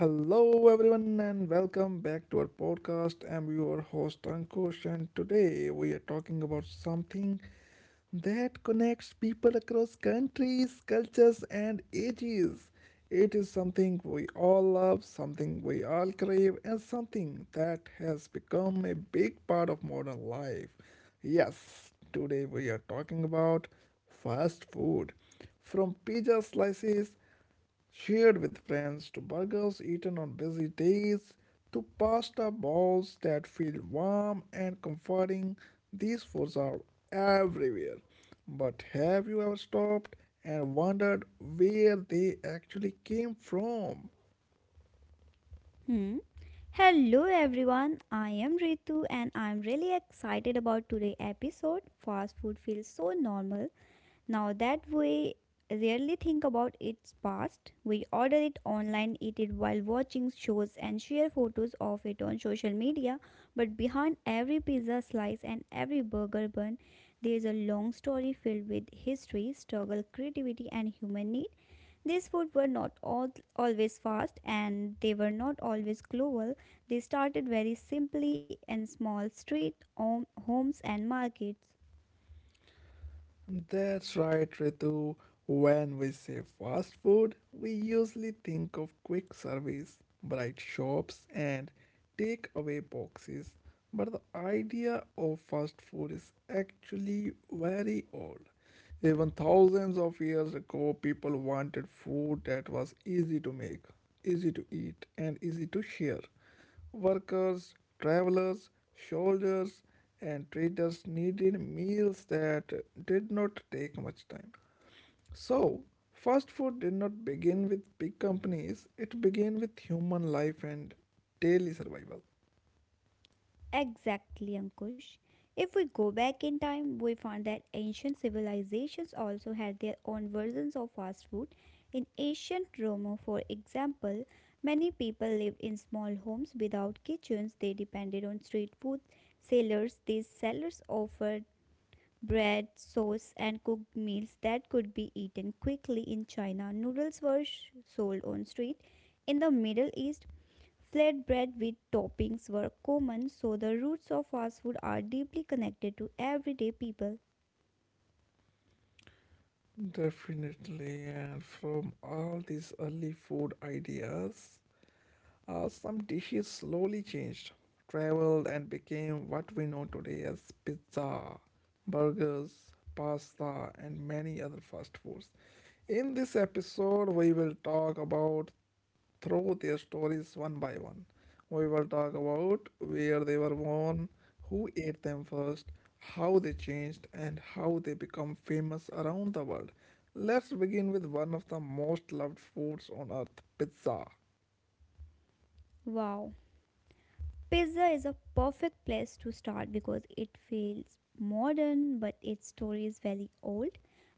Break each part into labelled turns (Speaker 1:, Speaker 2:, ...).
Speaker 1: Hello, everyone, and welcome back to our podcast. I'm your host Ankush, and today we are talking about something that connects people across countries, cultures, and ages. It is something we all love, something we all crave, and something that has become a big part of modern life. Yes, today we are talking about fast food. From pizza slices shared with friends, to burgers eaten on busy days, to pasta bowls that feel warm and comforting. These foods are everywhere. But have you ever stopped and wondered where they actually came from?
Speaker 2: Hmm. Hello everyone, I am Ritu and I'm really excited about today's episode. Fast food feels so normal now that we rarely think about its past. We order it online, eat it while watching shows, and share photos of it on social media. But behind every pizza slice and every burger bun, there is a long story filled with history, struggle, creativity, and human need. These foods were not all, always fast and they were not always global. They started very simply in small street homes and markets.
Speaker 1: That's right, Ritu. When we say fast food, we usually think of quick service, bright shops, and takeaway boxes. But the idea of fast food is actually very old. Even thousands of years ago, people wanted food that was easy to make, easy to eat, and easy to share. Workers, travelers, soldiers, and traders needed meals that did not take much time. So, fast food did not begin with big companies, it began with human life and daily survival.
Speaker 2: Exactly, Ankush. If we go back in time, we find that ancient civilizations also had their own versions of fast food. In ancient Rome, for example, many people lived in small homes without kitchens. They depended on street food sellers. These sellers offered bread, sauce, and cooked meals that could be eaten quickly in China. Noodles were sold on street. In the Middle East, flatbread with toppings were common, so the roots of fast food are deeply connected to everyday people.
Speaker 1: Definitely, and from all these early food ideas, some dishes slowly changed, traveled, and became what we know today as pizza, burgers, pasta, and many other fast foods. In this episode, we will talk about through their stories one by one. We will talk about where they were born, who ate them first, how they changed, and how they become famous around the world. Let's begin with one of the most loved foods on earth pizza.
Speaker 2: Wow. Pizza is a perfect place to start because it feels modern but its story is very old.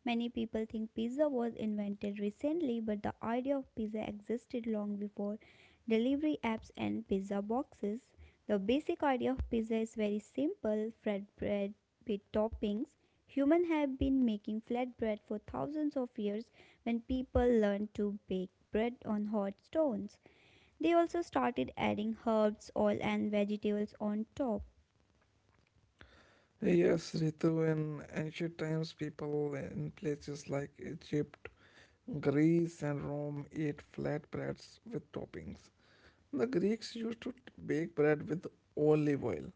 Speaker 2: Many people think pizza was invented recently, but the idea of pizza existed long before delivery apps and pizza boxes. The basic idea of pizza is very simple flatbread with toppings. Humans have been making flatbread for thousands of years when people learned to bake bread on hot stones. They also started adding herbs, oil, and vegetables on top.
Speaker 1: Yes, Ritu, in ancient times, people in places like Egypt, Greece, and Rome ate flat breads with toppings. The Greeks used to bake bread with olive oil,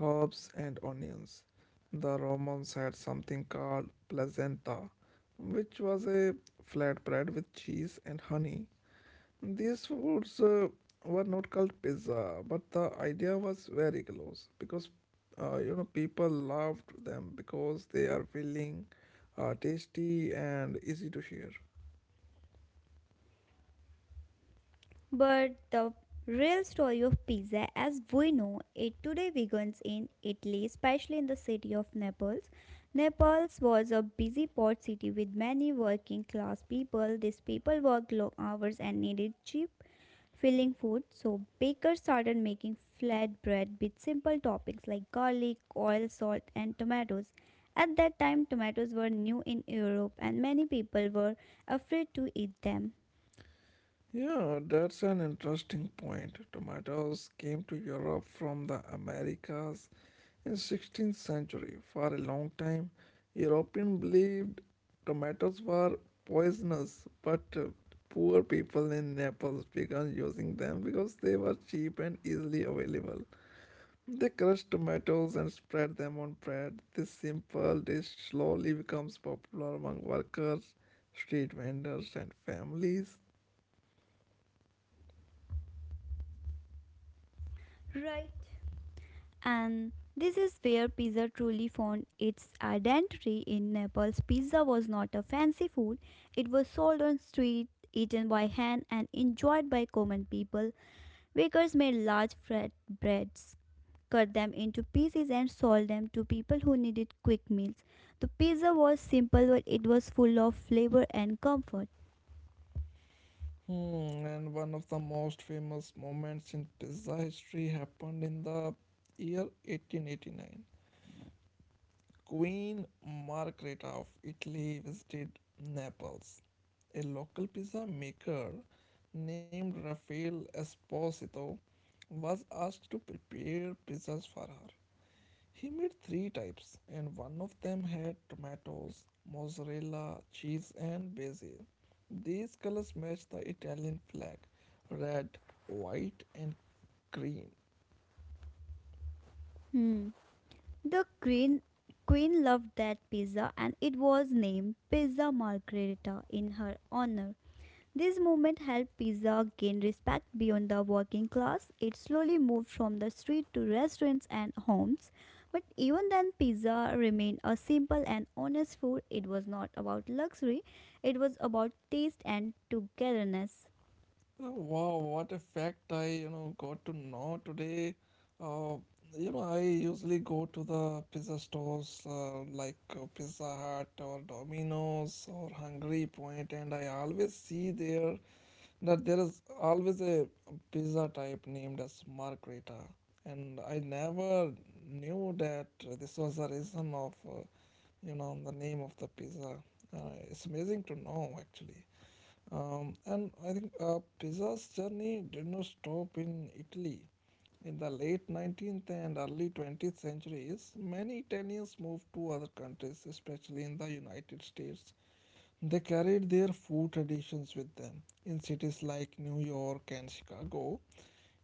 Speaker 1: herbs, and onions. The Romans had something called placenta, which was a flat bread with cheese and honey. These foods were not called pizza, but the idea was very close because people loved them because they are filling, tasty, and easy to share.
Speaker 2: But the real story of pizza as we know it today begins in Italy, especially in the city of Naples. Naples was a busy port city with many working class people. These people worked long hours and needed cheap filling food, so bakers started making flatbread with simple toppings like garlic, oil, salt, and tomatoes. At that time, tomatoes were new in Europe and many people were afraid to eat them.
Speaker 1: Yeah, that's an interesting point. Tomatoes came to Europe from the Americas in 16th century. For a long time, Europeans believed tomatoes were poisonous, but poor people in Naples began using them because they were cheap and easily available. They crushed tomatoes and spread them on bread. This simple dish slowly becomes popular among workers, street vendors, and families.
Speaker 2: Right. And this is where pizza truly found its identity in Naples. Pizza was not a fancy food, it was sold on street, eaten by hand, and enjoyed by common people. Bakers made large flat breads, cut them into pieces, and sold them to people who needed quick meals. The pizza was simple, but it was full of flavor and comfort.
Speaker 1: Hmm, and one of the most famous moments in pizza history happened in the year 1889. Queen Margherita of Italy visited Naples. A local pizza maker named Rafael Esposito was asked to prepare pizzas for her. He made three types, and one of them had tomatoes, mozzarella, cheese, and basil. These colors match the Italian flag red, white, and green.
Speaker 2: Hmm. The green Queen loved that pizza and it was named Pizza Margherita in her honor. This movement helped pizza gain respect beyond the working class. It slowly moved from the street to restaurants and homes. But even then, pizza remained a simple and honest food. It was not about luxury, it was about taste and togetherness.
Speaker 1: Oh, wow, what a fact I, got to know today. Uh, I usually go to the pizza stores like Pizza Hut or Domino's or Hungry Point, and I always see there that there is always a pizza type named as Margherita, and I never knew that this was the reason of, the name of the pizza. Uh, it's amazing to know actually. And I think pizza's journey did not stop in Italy. In the late 19th and early 20th centuries, many Italians moved to other countries, especially in the United States. They carried their food traditions with them. In cities like New York and Chicago,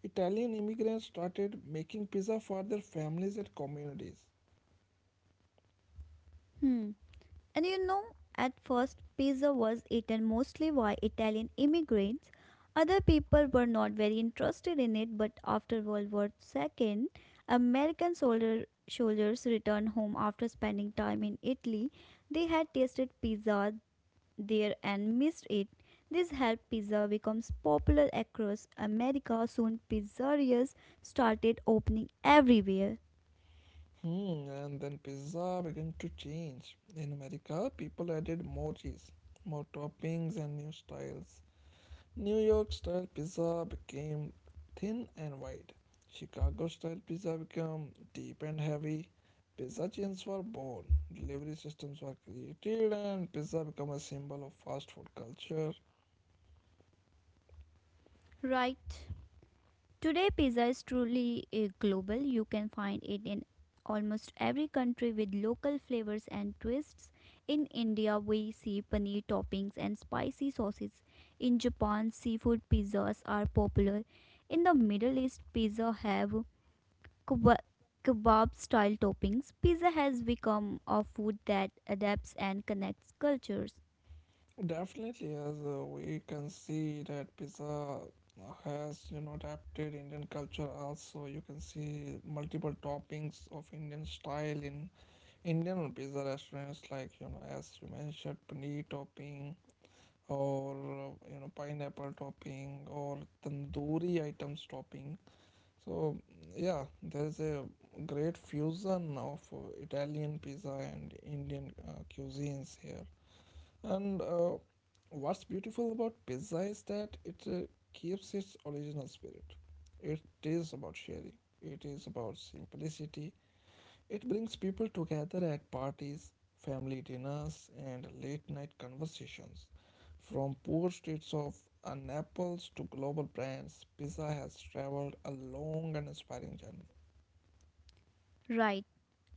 Speaker 1: Italian immigrants started making pizza for their families and communities.
Speaker 2: Hmm. And you know, at first, pizza was eaten mostly by Italian immigrants. Other people were not very interested in it, but after World War II, soldiers returned home after spending time in Italy. They had tasted pizza there and missed it. This helped pizza become popular across America. Soon, pizzerias started opening everywhere.
Speaker 1: Hmm, and then pizza began to change. In America, people added more cheese, more toppings, and new styles. New York style pizza became thin and wide. Chicago style pizza became deep and heavy. Pizza chains were born, delivery systems were created, and pizza became a symbol of fast food culture.
Speaker 2: Right? Today, pizza is truly global. You can find it in almost every country with local flavors and twists. In India, we see paneer toppings and spicy sauces. In Japan, seafood pizzas are popular. In the Middle East, pizza have keba- kebab style toppings. Pizza has become a food that adapts and connects cultures.
Speaker 1: Definitely, as we can see that pizza has, adapted Indian culture also. You can see multiple toppings of Indian style in Indian pizza restaurants, like, as you mentioned, paneer topping or, pineapple topping or tandoori items topping. So, yeah, there's a great fusion of Italian pizza and Indian cuisines here. And what's beautiful about pizza is that it keeps its original spirit. It is about sharing, it is about simplicity. It brings people together at parties, family dinners, and late night conversations. From poor streets of Naples to global brands, pizza has traveled a long and inspiring journey.
Speaker 2: Right.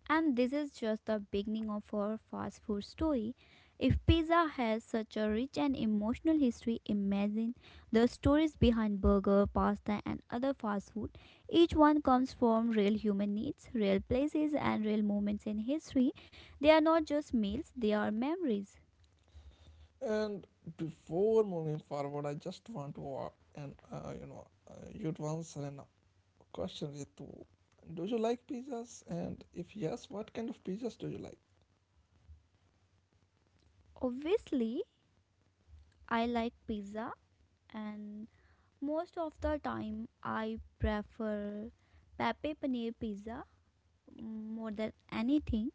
Speaker 2: And this is just the beginning of our fast food story. If pizza has such a rich and emotional history, imagine the stories behind burger, pasta, and other fast food. Each one comes from real human needs, real places, and real moments in history. They are not just meals, they are memories.
Speaker 1: And before moving forward, I just want to you'd once an Question Ritu. Do you like pizzas? And if yes, what kind of pizzas do you like?
Speaker 2: Obviously, I like pizza, and most of the time, I prefer pepe paneer pizza more than anything.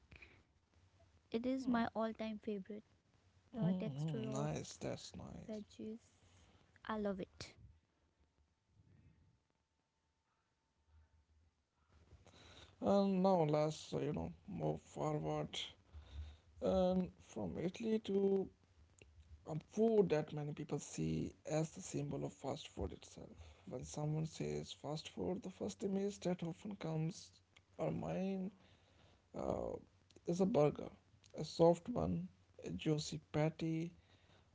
Speaker 2: It is my all time favorite. The texture
Speaker 1: Mm-hmm,
Speaker 2: of
Speaker 1: nice, that's nice.
Speaker 2: veggies. I love it.
Speaker 1: Oh, uh, that's a nice choice actually. And now let's, move forward. And from Italy to a food that many people see as the symbol of fast food itself. When someone says fast food, the first image that often comes our mind uh, is a burger, a soft bun, a juicy patty,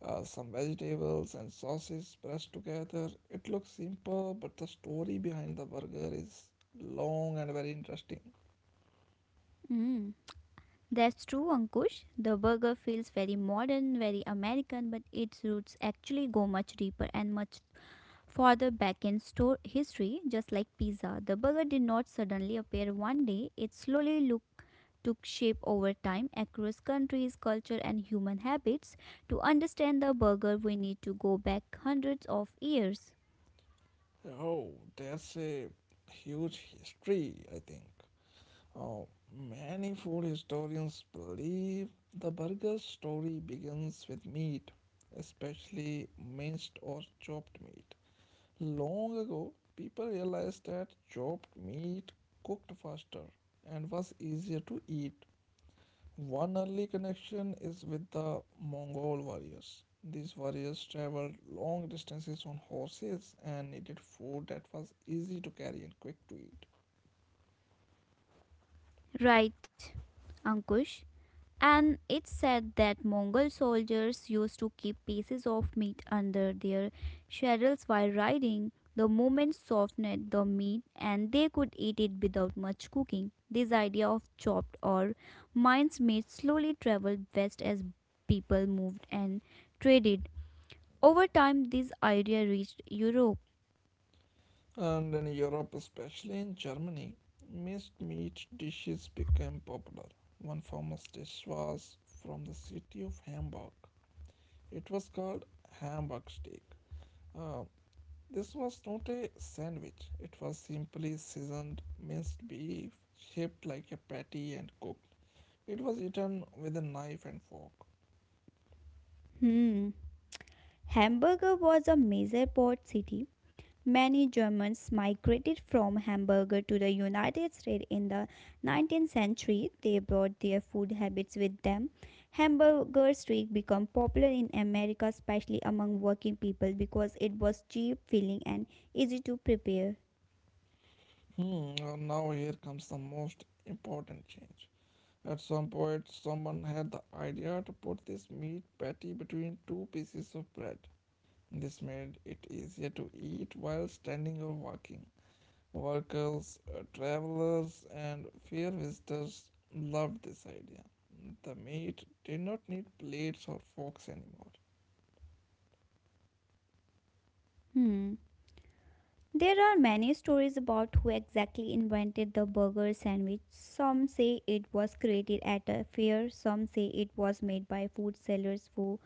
Speaker 1: some vegetables and sauces pressed together. It looks simple, but the story behind the burger is long and very interesting.
Speaker 2: Mm. That's true, Ankush. The burger feels very modern, very American, but its roots actually go much deeper and much further back in store history, just like pizza. The burger did not suddenly appear one day, it took shape over time across countries, culture, and human habits. To understand the burger, we need to go back hundreds of years.
Speaker 1: Oh, there's a huge history, I think. Oh, many food historians believe the burger story begins with meat, especially minced or chopped meat. Long ago, people realized that chopped meat cooked faster and was easier to eat. One early connection is with the Mongol warriors. These warriors traveled long distances on horses and needed food that was easy to carry and quick to eat.
Speaker 2: Right, Ankush. And it's said that Mongol soldiers used to keep pieces of meat under their saddles while riding. The movement softened the meat and they could eat it without much cooking. This idea of chopped or minced meat slowly traveled west as people moved and traded. Over time, this idea reached Europe.
Speaker 1: And in Europe, especially in Germany, minced meat dishes became popular. One famous dish was from the city of Hamburg. It was called Hamburg steak. Uh, This was not a sandwich, it was simply seasoned minced beef, shaped like a patty and cooked. It was eaten with a knife and fork.
Speaker 2: Hmm. Hamburg was a major port city. Many Germans migrated from Hamburg to the United States in the 19th century. They brought their food habits with them. Hamburger steak became popular in America, especially among working people, because it was cheap, filling, and easy to prepare.
Speaker 1: Hmm, well, now here comes the most important change. At some point, someone had the idea to put this meat patty between two pieces of bread. This made it easier to eat while standing or walking. Workers, travelers, and fair visitors loved this idea. The meat did not need plates or forks anymore.
Speaker 2: Hmm. There are many stories about who exactly invented the burger sandwich. Some say it was created at a fair, some say it was made by food sellers who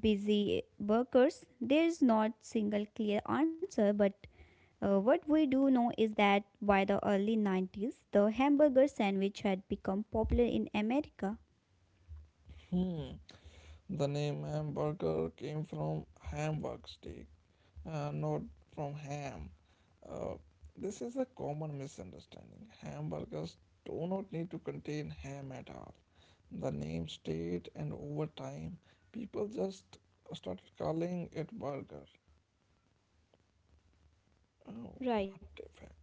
Speaker 2: busy workers there is not single clear answer, but what we do know is that by the early 90s the hamburger sandwich had become popular in America.
Speaker 1: Hmm. The name hamburger came from hamburg steak, not from ham. Uh, this is a common misunderstanding. Hamburgers do not need to contain ham at all. The name stayed, and over time, people just started calling it burger. Oh,
Speaker 2: Right.
Speaker 1: what effect!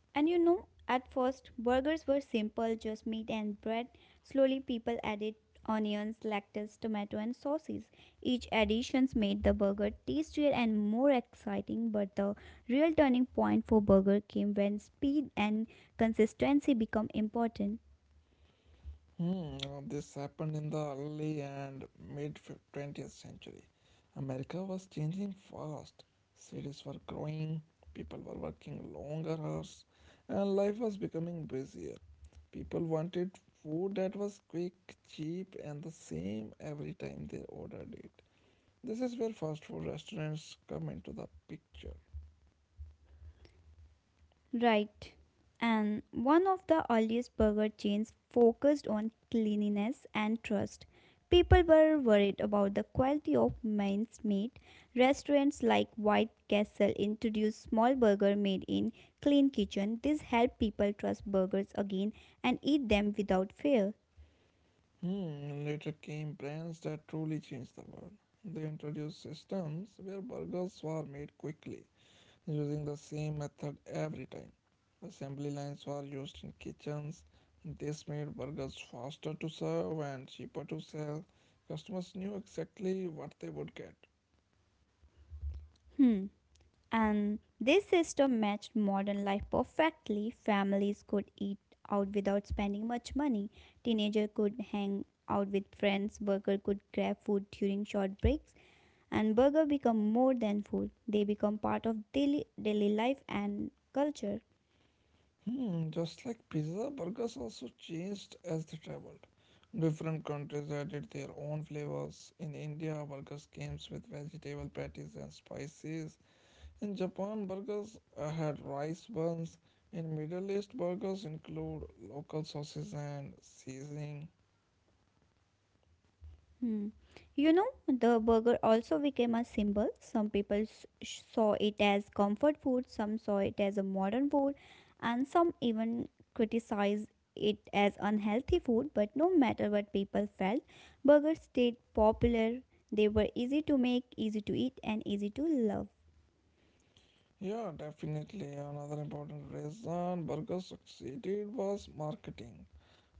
Speaker 2: And you know, at first, burgers were simple, just meat and bread. Slowly people added onions, lettuce, tomato and sauces. Each additions made the burger tastier and more exciting, but the real turning point for burger came when speed and consistency become important.
Speaker 1: Hmm, this happened in the early and mid 20th century. America was changing fast. Cities were growing, people were working longer hours, and life was becoming busier. People wanted food that was quick, cheap, and the same every time they ordered it. This is where fast food restaurants come into the picture.
Speaker 2: Right. And one of the earliest burger chains focused on cleanliness and trust. People were worried about the quality of minced meat. Restaurants like White Castle introduced small burger made in clean kitchen. This helped people trust burgers again and eat them without fear.
Speaker 1: Hmm, later came brands that truly changed the world. They introduced systems where burgers were made quickly, using the same method every time. Assembly lines were used in kitchens. This made burgers faster to serve and cheaper to sell. Customers knew exactly what they would get.
Speaker 2: Hmm. And this system matched modern life perfectly. Families could eat out without spending much money. Teenager could hang out with friends. Worker could grab food during short breaks. And burger become more than food. They become part of daily life and culture.
Speaker 1: Hmm, just like pizza, burgers also changed as they traveled. Different countries added their own flavors. In India, burgers came with vegetable patties and spices. In Japan, burgers had rice buns. In Middle East, burgers include local sauces and seasoning.
Speaker 2: Hmm. You know, the burger also became a symbol. Some people saw it as comfort food, some saw it as a modern food, and some even criticized it as unhealthy food. But no matter what people felt, burgers stayed popular. They were easy to make, easy to eat, and easy to love.
Speaker 1: Yeah, definitely. Another important reason burgers succeeded was marketing.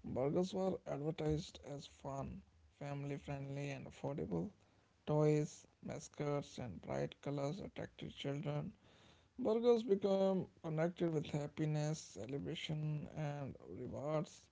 Speaker 1: Burgers were advertised as fun, family friendly, and affordable. Toys, mascots, and bright colors attracted children. Burgers became connected with happiness, celebration, and rewards.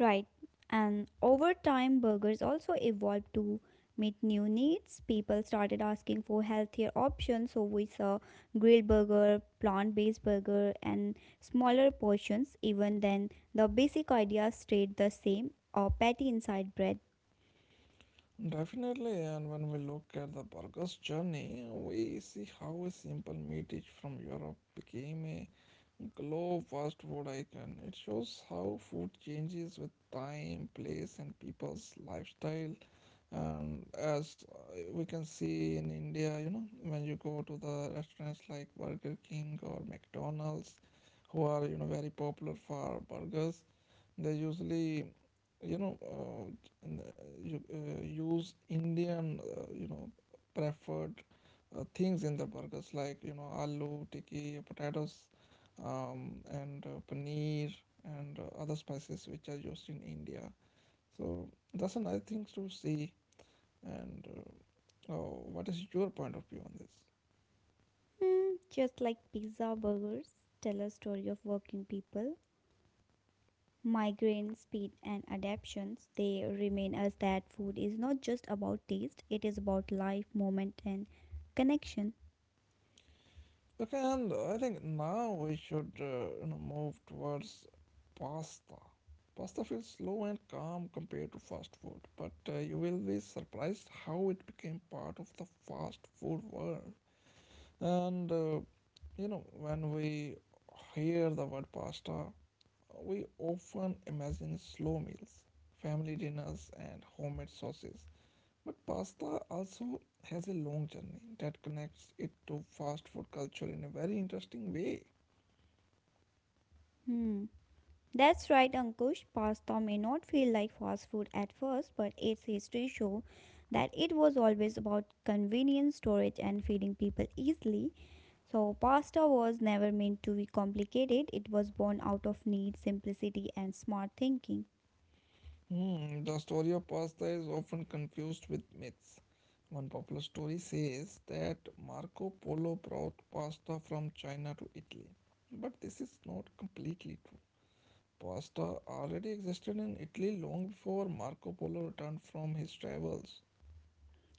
Speaker 2: Right, and over time, burgers also evolved to meet new needs. People started asking for healthier options, so we saw grilled burger, plant based burger, and smaller portions. Even then, the basic idea stayed the same a patty inside bread.
Speaker 1: Definitely, and when we look at the burger's journey, we see how a simple meat dish from Europe became a global fast food icon. It shows how food changes with time, place, and people's lifestyle. And as we can see in India, when you go to the restaurants like Burger King or McDonald's, who are very popular for burgers they usually, you know, uh, n- use Indian, preferred things in the burgers like, aloo, tikki, potatoes, and paneer and other spices which are used in India. So that's a nice thing to see. And oh, what is your point of view on this?
Speaker 2: Hmm, just like pizza burgers tell a story of working people. Migraine, speed, and adaptations, they remain as that food is not just about taste, it is about life, moment, and connection.
Speaker 1: Okay, and I think now we should move towards pasta. Pasta feels slow and calm compared to fast food, but you will be surprised how it became part of the fast food world. And when we hear the word pasta, we often imagine slow meals, family dinners, and homemade sauces. But pasta also has a long journey that connects it to fast food culture in a very interesting way.
Speaker 2: Hmm. That's right, Ankush. Pasta may not feel like fast food at first, but its history show that it was always about convenience, storage, and feeding people easily. So, pasta was never meant to be complicated. It was born out of need, simplicity, and smart thinking.
Speaker 1: Hmm, the story of pasta is often confused with myths. One popular story says that Marco Polo brought pasta from China to Italy. But this is not completely true. Pasta already existed in Italy long before Marco Polo returned from his travels.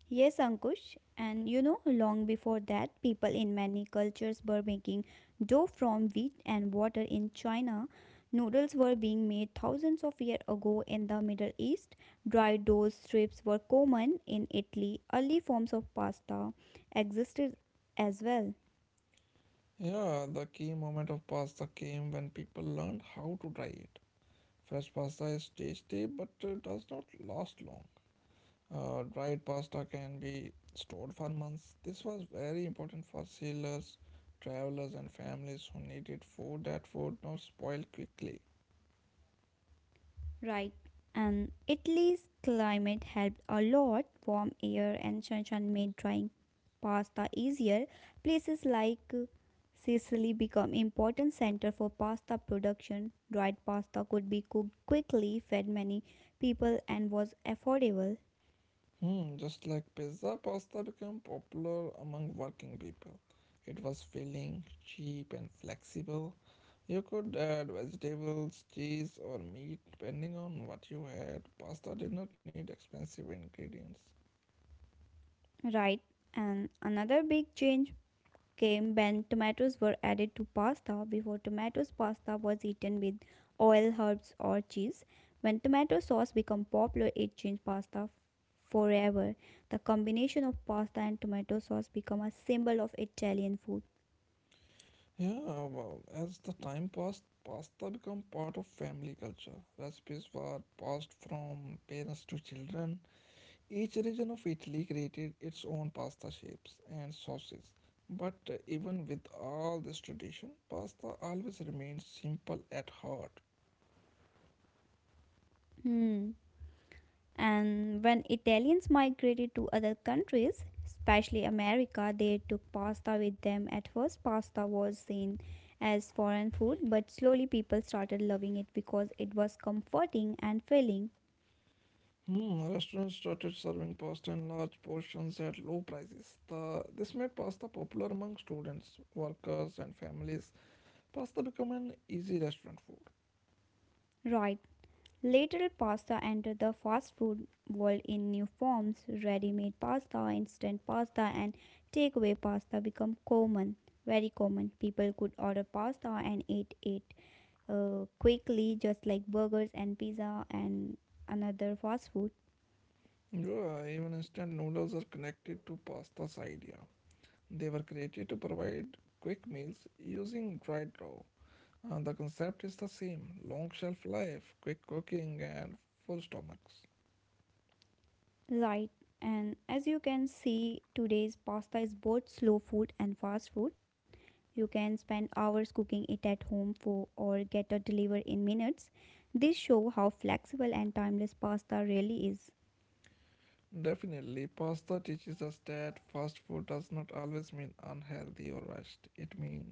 Speaker 2: Yes, Ankush. And you know, long before that, people in many cultures were making dough from wheat and water in China. Noodles were being made thousands of years ago in the Middle East. Dry dough strips were common in Italy. Early forms of pasta existed as well.
Speaker 1: Yeah, the key moment of pasta came when people learned how to dry it. Fresh pasta is tasty but does not last long. Dried pasta can be stored for months. This was very important for sailors, travelers, and families who needed food that would not spoil quickly.
Speaker 2: Right. And Italy's climate helped a lot. Warm air and sunshine made drying pasta easier. Places like Sicily become important center for pasta production. Dried pasta could be cooked quickly, fed many people and was affordable.
Speaker 1: Just like pizza, pasta became popular among working people. It was filling, cheap, and flexible. You could add vegetables, cheese, or meat depending on what you had. Pasta did not need expensive ingredients.
Speaker 2: Right. And another big change came when tomatoes were added to pasta. Before tomatoes, pasta was eaten with oil, herbs, or cheese. When tomato sauce became popular, it changed pasta forever. The combination of pasta and tomato sauce became a symbol of Italian food.
Speaker 1: Yeah, well, as the time passed, pasta become part of family culture. Recipes were passed from parents to children. Each region of Italy created its own pasta shapes and sauces. But even with all this tradition, pasta always remained simple at heart.
Speaker 2: Hmm. And when Italians migrated to other countries, especially America, they took pasta with them. At first, pasta was seen as foreign food, but slowly people started loving it because it was comforting and filling.
Speaker 1: Restaurants started serving pasta in large portions at low prices. This made pasta popular among students, workers, and families. Pasta became an easy restaurant food.
Speaker 2: Right. Later, pasta entered the fast food world in new forms. Ready made pasta, instant pasta, and takeaway pasta become common, very common. People could order pasta and eat it quickly, just like burgers and pizza and another fast food.
Speaker 1: Yeah, even instant noodles are connected to pasta's idea. They were created to provide quick meals using dried dough. The concept is the same long shelf life, quick cooking, and full stomachs.
Speaker 2: Right. And as you can see, today's pasta is both slow food and fast food. You can spend hours cooking it at home for or get it delivered in minutes. This shows how flexible and timeless pasta really is.
Speaker 1: Definitely, pasta teaches us that fast food does not always mean unhealthy or rushed. It means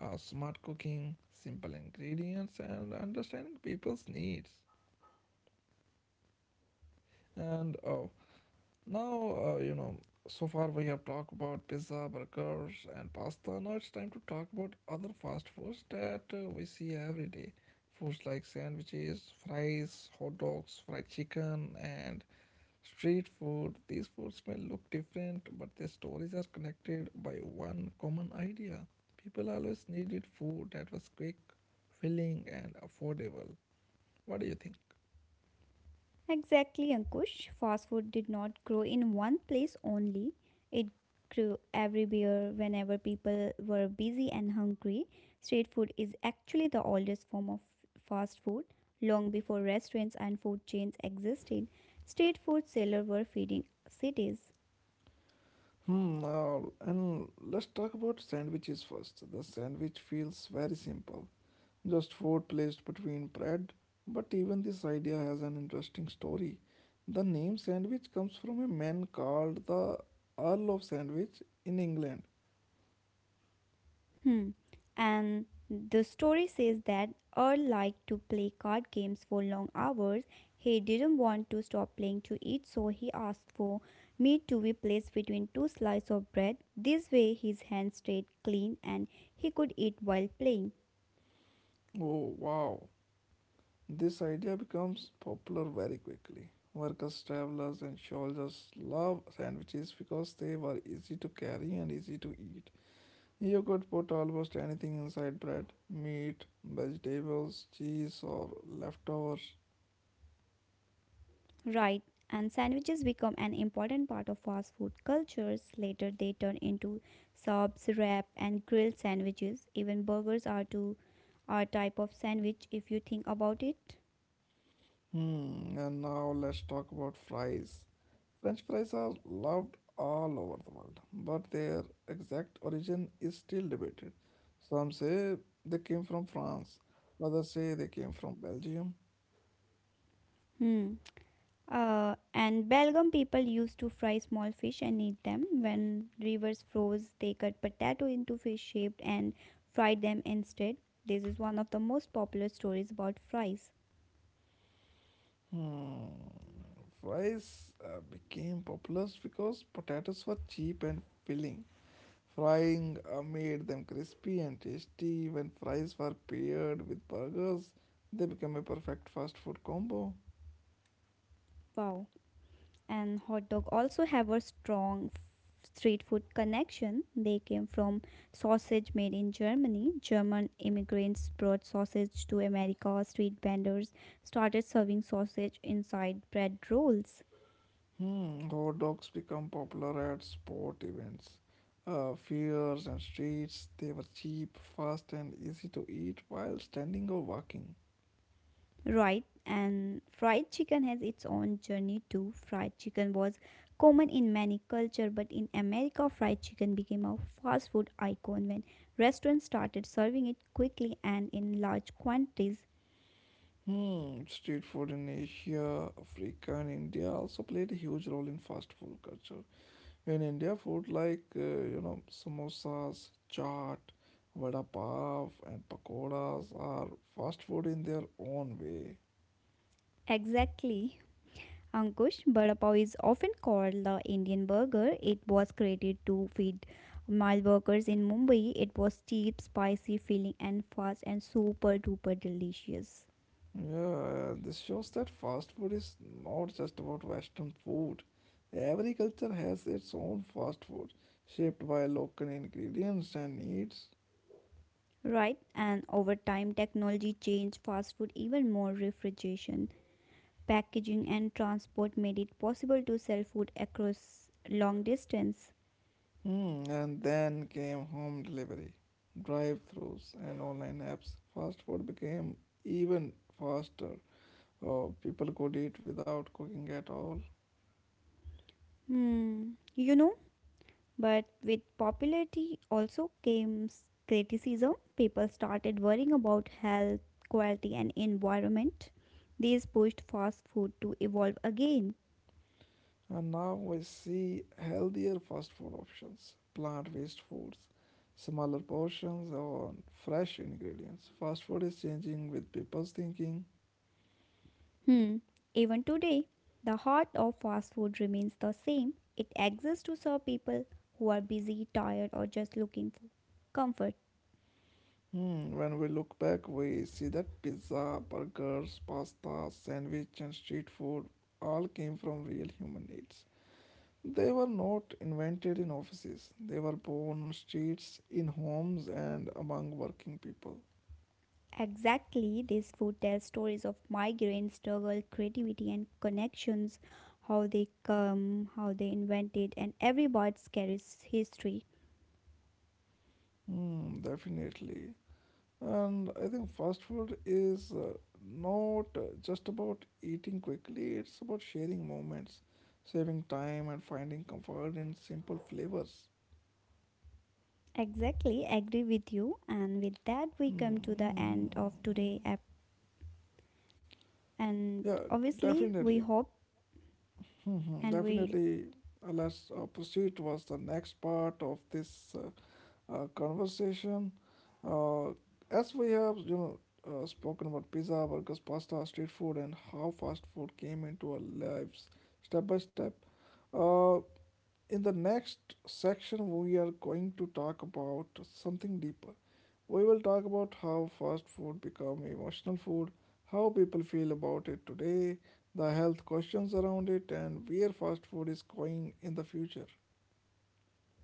Speaker 1: smart cooking, simple ingredients, and understanding people's needs. And oh, Now, you know, so far we have talked about pizza, burgers, and pasta. Now it's time to talk about other fast foods that we see every day. Foods like sandwiches, fries, hot dogs, fried chicken, and street food. These foods may look different, but their stories are connected by one common idea. People always needed food that was quick, filling, and affordable. What do you think?
Speaker 2: Exactly, Ankush. Fast food did not grow in one place only. It grew everywhere whenever people were busy and hungry. Street food is actually the oldest form of fast food. Long before restaurants and food chains existed, street food sellers were feeding cities.
Speaker 1: Hmm, uh, and let's talk about sandwiches first. The sandwich feels very simple, just food placed between bread. But even this idea has an interesting story. The name sandwich comes from a man called the Earl of Sandwich in England.
Speaker 2: Hmm. And the story says that Earl liked to play card games for long hours. He didn't want to stop playing to eat, so he asked for meat to be placed between two slices of bread. This way, his hands stayed clean and he could eat while playing.
Speaker 1: Oh, wow. This idea becomes popular very quickly. Workers, travelers, and soldiers love sandwiches because they were easy to carry and easy to eat. You could put almost anything inside bread meat, vegetables, cheese, or leftovers.
Speaker 2: Right. And sandwiches become an important part of fast food cultures. Later, they turn into subs, wrap, and grilled sandwiches. Even burgers are a type of sandwich if you think about it.
Speaker 1: And now let's talk about fries. French fries are loved all over the world, but their exact origin is still debated. Some say they came from France, others say they came from Belgium.
Speaker 2: Hmm. And Belgium people used to fry small fish and eat them. When rivers froze, they cut potato into fish shaped and fried them instead. This is one of the most popular stories about fries.
Speaker 1: Hmm, Fries became popular because potatoes were cheap and filling. Frying made them crispy and tasty. When fries were paired with burgers, they became a perfect fast food combo.
Speaker 2: Wow. And hot dog also have a strong street food connection. They came from sausage made in Germany. German immigrants brought sausage to America. Street vendors started serving sausage inside bread rolls.
Speaker 1: Hot dogs become popular at sport events, fairs, and streets. They were cheap, fast, and easy to eat while standing or walking.
Speaker 2: Right, and fried chicken has its own journey too. Fried chicken was common in many cultures, but in America, fried chicken became a fast food icon when restaurants started serving it quickly and in large quantities.
Speaker 1: Street food in Asia, Africa, and India also played a huge role in fast food culture. In India, food like samosas, chaat, vada pav, and pakoras are fast food in their own way.
Speaker 2: Exactly. Ankush, vada pav is often called the Indian burger. It was created to feed mile workers in Mumbai. It was cheap, spicy, filling, and fast, and super duper delicious.
Speaker 1: Yeah, this shows that fast food is not just about Western food. Every culture has its own fast food, shaped by local ingredients and needs.
Speaker 2: Right, and over time, technology changed fast food even more. Refrigeration, packaging, and transport made it possible to sell food across long distance.
Speaker 1: And then came home delivery, drive thrus and online apps. Fast food became even faster. Oh, people could eat without cooking at all.
Speaker 2: Hmm, you know, but with popularity also came criticism. People started worrying about health, quality, and environment. These pushed fast food to evolve again.
Speaker 1: And now I see healthier fast food options, plant-based foods, smaller portions, or fresh ingredients. Fast food is changing with people's thinking.
Speaker 2: Hmm. Even today, the heart of fast food remains the same. It exists to serve people who are busy, tired, or just looking for comfort.
Speaker 1: When we look back, we see that pizza, burgers, pasta, sandwich, and street food all came from real human needs. They were not invented in offices. They were born on streets, in homes, and among working people.
Speaker 2: Exactly, this food tells stories of migraine, struggle, creativity, and connections, how they come, how they invented, and every bite carries history.
Speaker 1: Hmm. Definitely. And I think fast food is not just about eating quickly, it's about sharing moments, saving time, and finding comfort in simple flavors.
Speaker 2: Exactly, agree with you. And with that, we come to the end of today app. And
Speaker 1: Yeah,
Speaker 2: obviously, we
Speaker 1: definitely.
Speaker 2: hope
Speaker 1: Mhm.
Speaker 2: and we
Speaker 1: Definitely. Alas Opposite was the next part of this conversation. Uh, as we have, spoken about pizza, burgers, pasta, street food, and how fast food came into our lives step by step. Uh, in the next section, we are going to talk about something deeper. We will talk about how fast food become emotional food, how people feel about it today, the health questions around it, and where fast food is going in the future.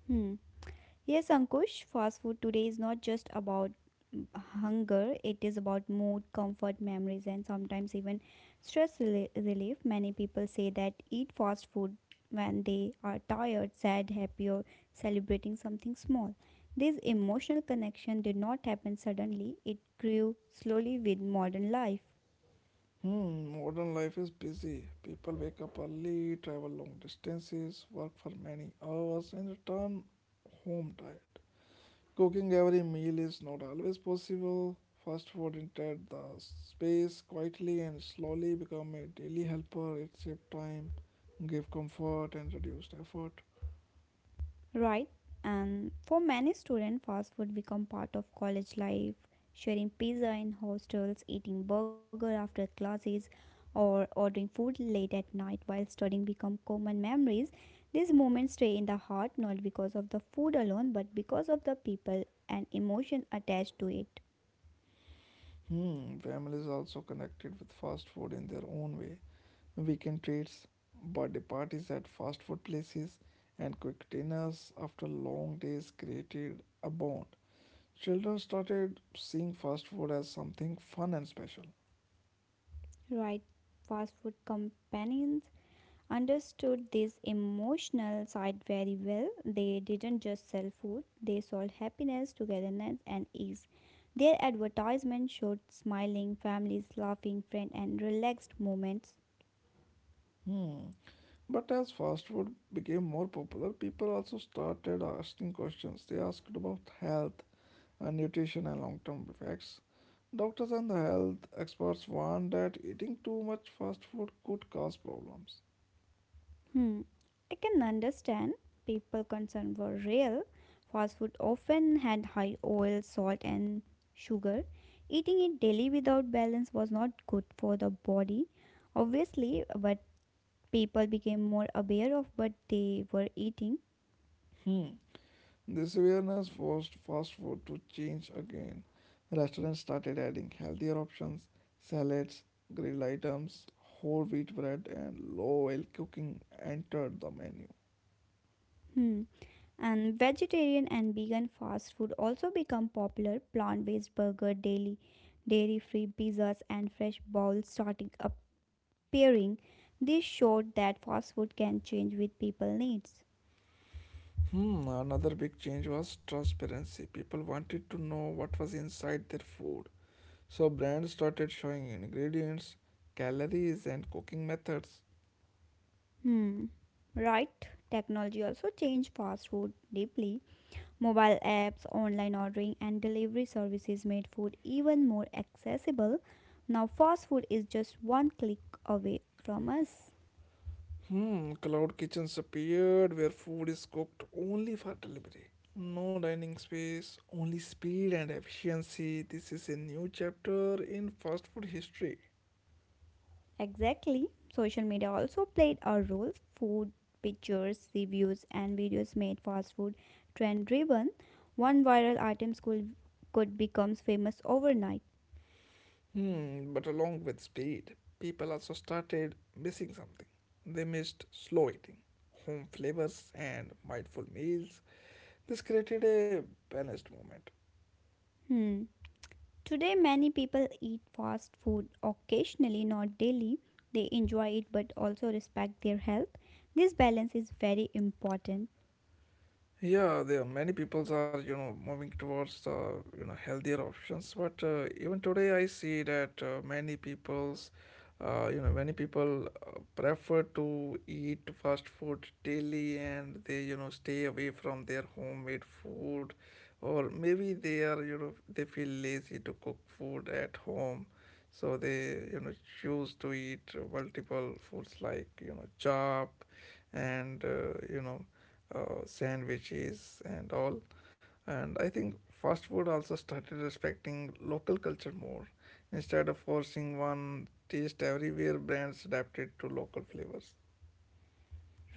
Speaker 2: hmm, yes, Ankush, fast food today is not just about mm, hunger, it is about mood, comfort, memories, and sometimes even stress relief. Many people say that eat fast food when they are tired, sad, happy, or celebrating something small. This emotional connection did not happen suddenly, it grew slowly with modern life.
Speaker 1: Modern life is busy. People wake up early, travel long distances, work for many hours, and return home tired. Cooking every meal is not always possible. Fast food entered the space quietly and slowly become a daily helper. It saves time, give comfort, and reduced effort.
Speaker 2: Right, and for many students, fast food become part of college life. Sharing pizza in hostels, eating burger after classes, or ordering food late at night while studying become common memories. These moments stay in the heart not because of the food alone, but because of the people and emotion attached to it.
Speaker 1: Families also connected with fast food in their own way. Weekend treats, birthday parties at fast food places, and quick dinners after long days created a bond. Children started seeing fast food as something fun and special.
Speaker 2: Right, fast food companions understood this emotional side very well. They didn't just sell food, they sold happiness, togetherness, and ease. Their advertisement showed smiling families, laughing friends, and relaxed moments.
Speaker 1: Hmm, But as fast food became more popular, people also started asking questions. They asked about health and nutrition and long term effects. Doctors and the health experts warned that eating too much fast food could cause problems.
Speaker 2: Hmm, I can understand people concerned were real. Fast food often had high oil, salt, and sugar. Eating it daily without balance was not good for the body, obviously, but people became more aware of what they were eating.
Speaker 1: Hmm. This awareness forced fast food to change again. Restaurants started adding healthier options, salads, grilled items, whole wheat bread, and low oil cooking entered the menu.
Speaker 2: Hmm. And vegetarian and vegan fast food also become popular. Plant-based burger, daily dairy-free pizzas, and fresh bowls started appearing. This showed that fast food can change with people needs.
Speaker 1: Another big change was transparency. People wanted to know what was inside their food. So brands started showing ingredients, calories, and cooking methods.
Speaker 2: Hmm. Right? Technology also changed fast food deeply. Mobile apps, online ordering, and delivery services made food even more accessible. Now, fast food is just one click away from us.
Speaker 1: Cloud kitchens appeared where food is cooked only for delivery. No dining space, only speed and efficiency. This is a new chapter in fast food history.
Speaker 2: Exactly. Social media also played a role. Food pictures, reviews, and videos made fast food trend driven. One viral item could become famous overnight.
Speaker 1: But along with speed, people also started missing something. They missed slow eating, home flavors, and mindful meals. This created a balanced moment.
Speaker 2: Hmm. Today, many people eat fast food occasionally, not daily. They enjoy it but also respect their health. This balance is very important,
Speaker 1: Yeah, there are many peoples are moving towards the healthier options, but even today I see that many people prefer to eat fast food daily, and they stay away from their homemade food, or maybe they are they feel lazy to cook food at home, so they choose to eat multiple foods like chop, and sandwiches and all. And I think fast food also started respecting local culture more. Instead of forcing one taste everywhere, brands adapted to local flavors.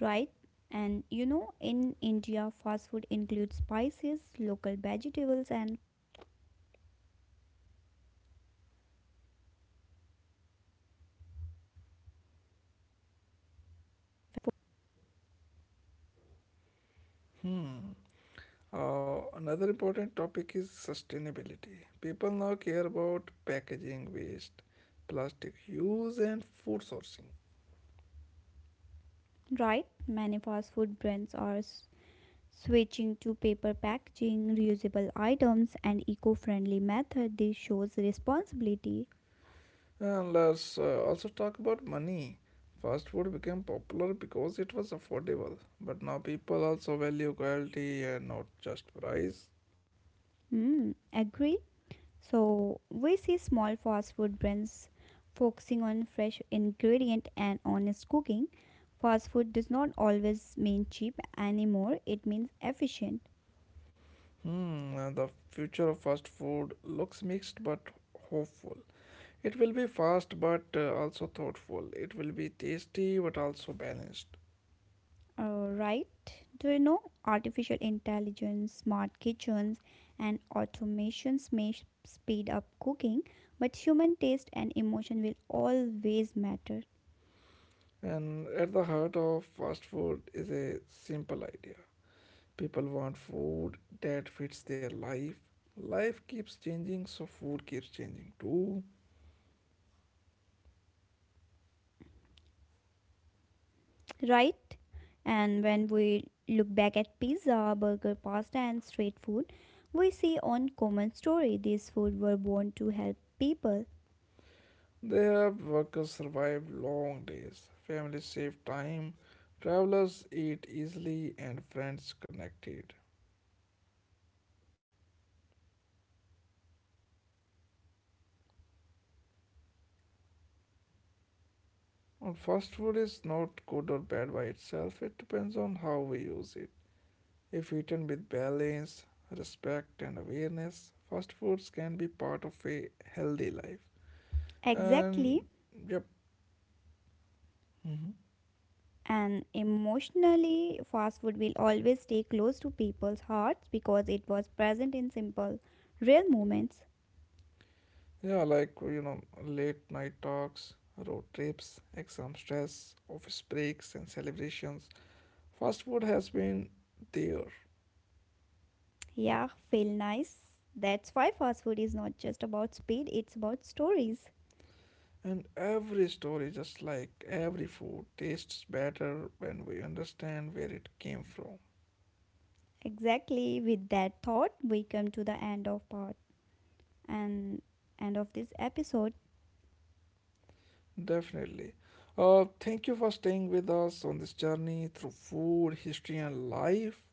Speaker 2: right? And you know, in India, fast food includes spices, local vegetables, and
Speaker 1: Another important topic is sustainability. People now care about packaging waste, plastic use, and food sourcing.
Speaker 2: right, many fast food brands are switching to paper packaging, reusable items, and eco friendly method. This shows responsibility.
Speaker 1: And let's also talk about money. Fast food became popular because it was affordable, but now people also value quality and not just price.
Speaker 2: Hmm, agree? So we see small fast food brands focusing on fresh ingredient and honest cooking. Fast food does not always mean cheap anymore. It means efficient.
Speaker 1: And the future of fast food looks mixed but hopeful. It will be fast but also thoughtful. It will be tasty but also balanced.
Speaker 2: Right? Do you know artificial intelligence, smart kitchens, and automations may speed up cooking, but human taste and emotion will always matter.
Speaker 1: And at the heart of fast food is a simple idea. People want food that fits their life. Life keeps changing, so food keeps changing too.
Speaker 2: Right? And when we look back at pizza, burger, pasta, and street food, we see one common story. These food were born to help people.
Speaker 1: They help workers survive long days. Families save time. Travelers eat easily, and friends connected. And fast food is not good or bad by itself. It depends on how we use it. If eaten with balance, respect, and awareness, fast foods can be part of a healthy life.
Speaker 2: Exactly.
Speaker 1: And yep. Mhm.
Speaker 2: And emotionally, fast food will always stay close to people's hearts because it was present in simple, real moments.
Speaker 1: Yeah, like late night talks, road trips, exam stress, office breaks, and celebrations. Fast food has been there,
Speaker 2: Yeah, feel nice. That's why fast food is not just about speed, it's about stories.
Speaker 1: and every story, just like every food, tastes better when we understand where it came from.
Speaker 2: Exactly. With that thought, we come to the end of part and end of this episode.
Speaker 1: Definitely. Thank you for staying with us on this journey through food, history, and life.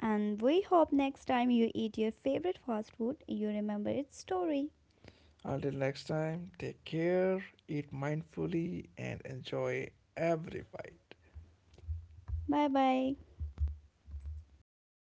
Speaker 2: And we hope next time you eat your favorite fast food, you remember its story.
Speaker 1: Until next time, take care, eat mindfully, and enjoy every bite.
Speaker 2: Bye bye.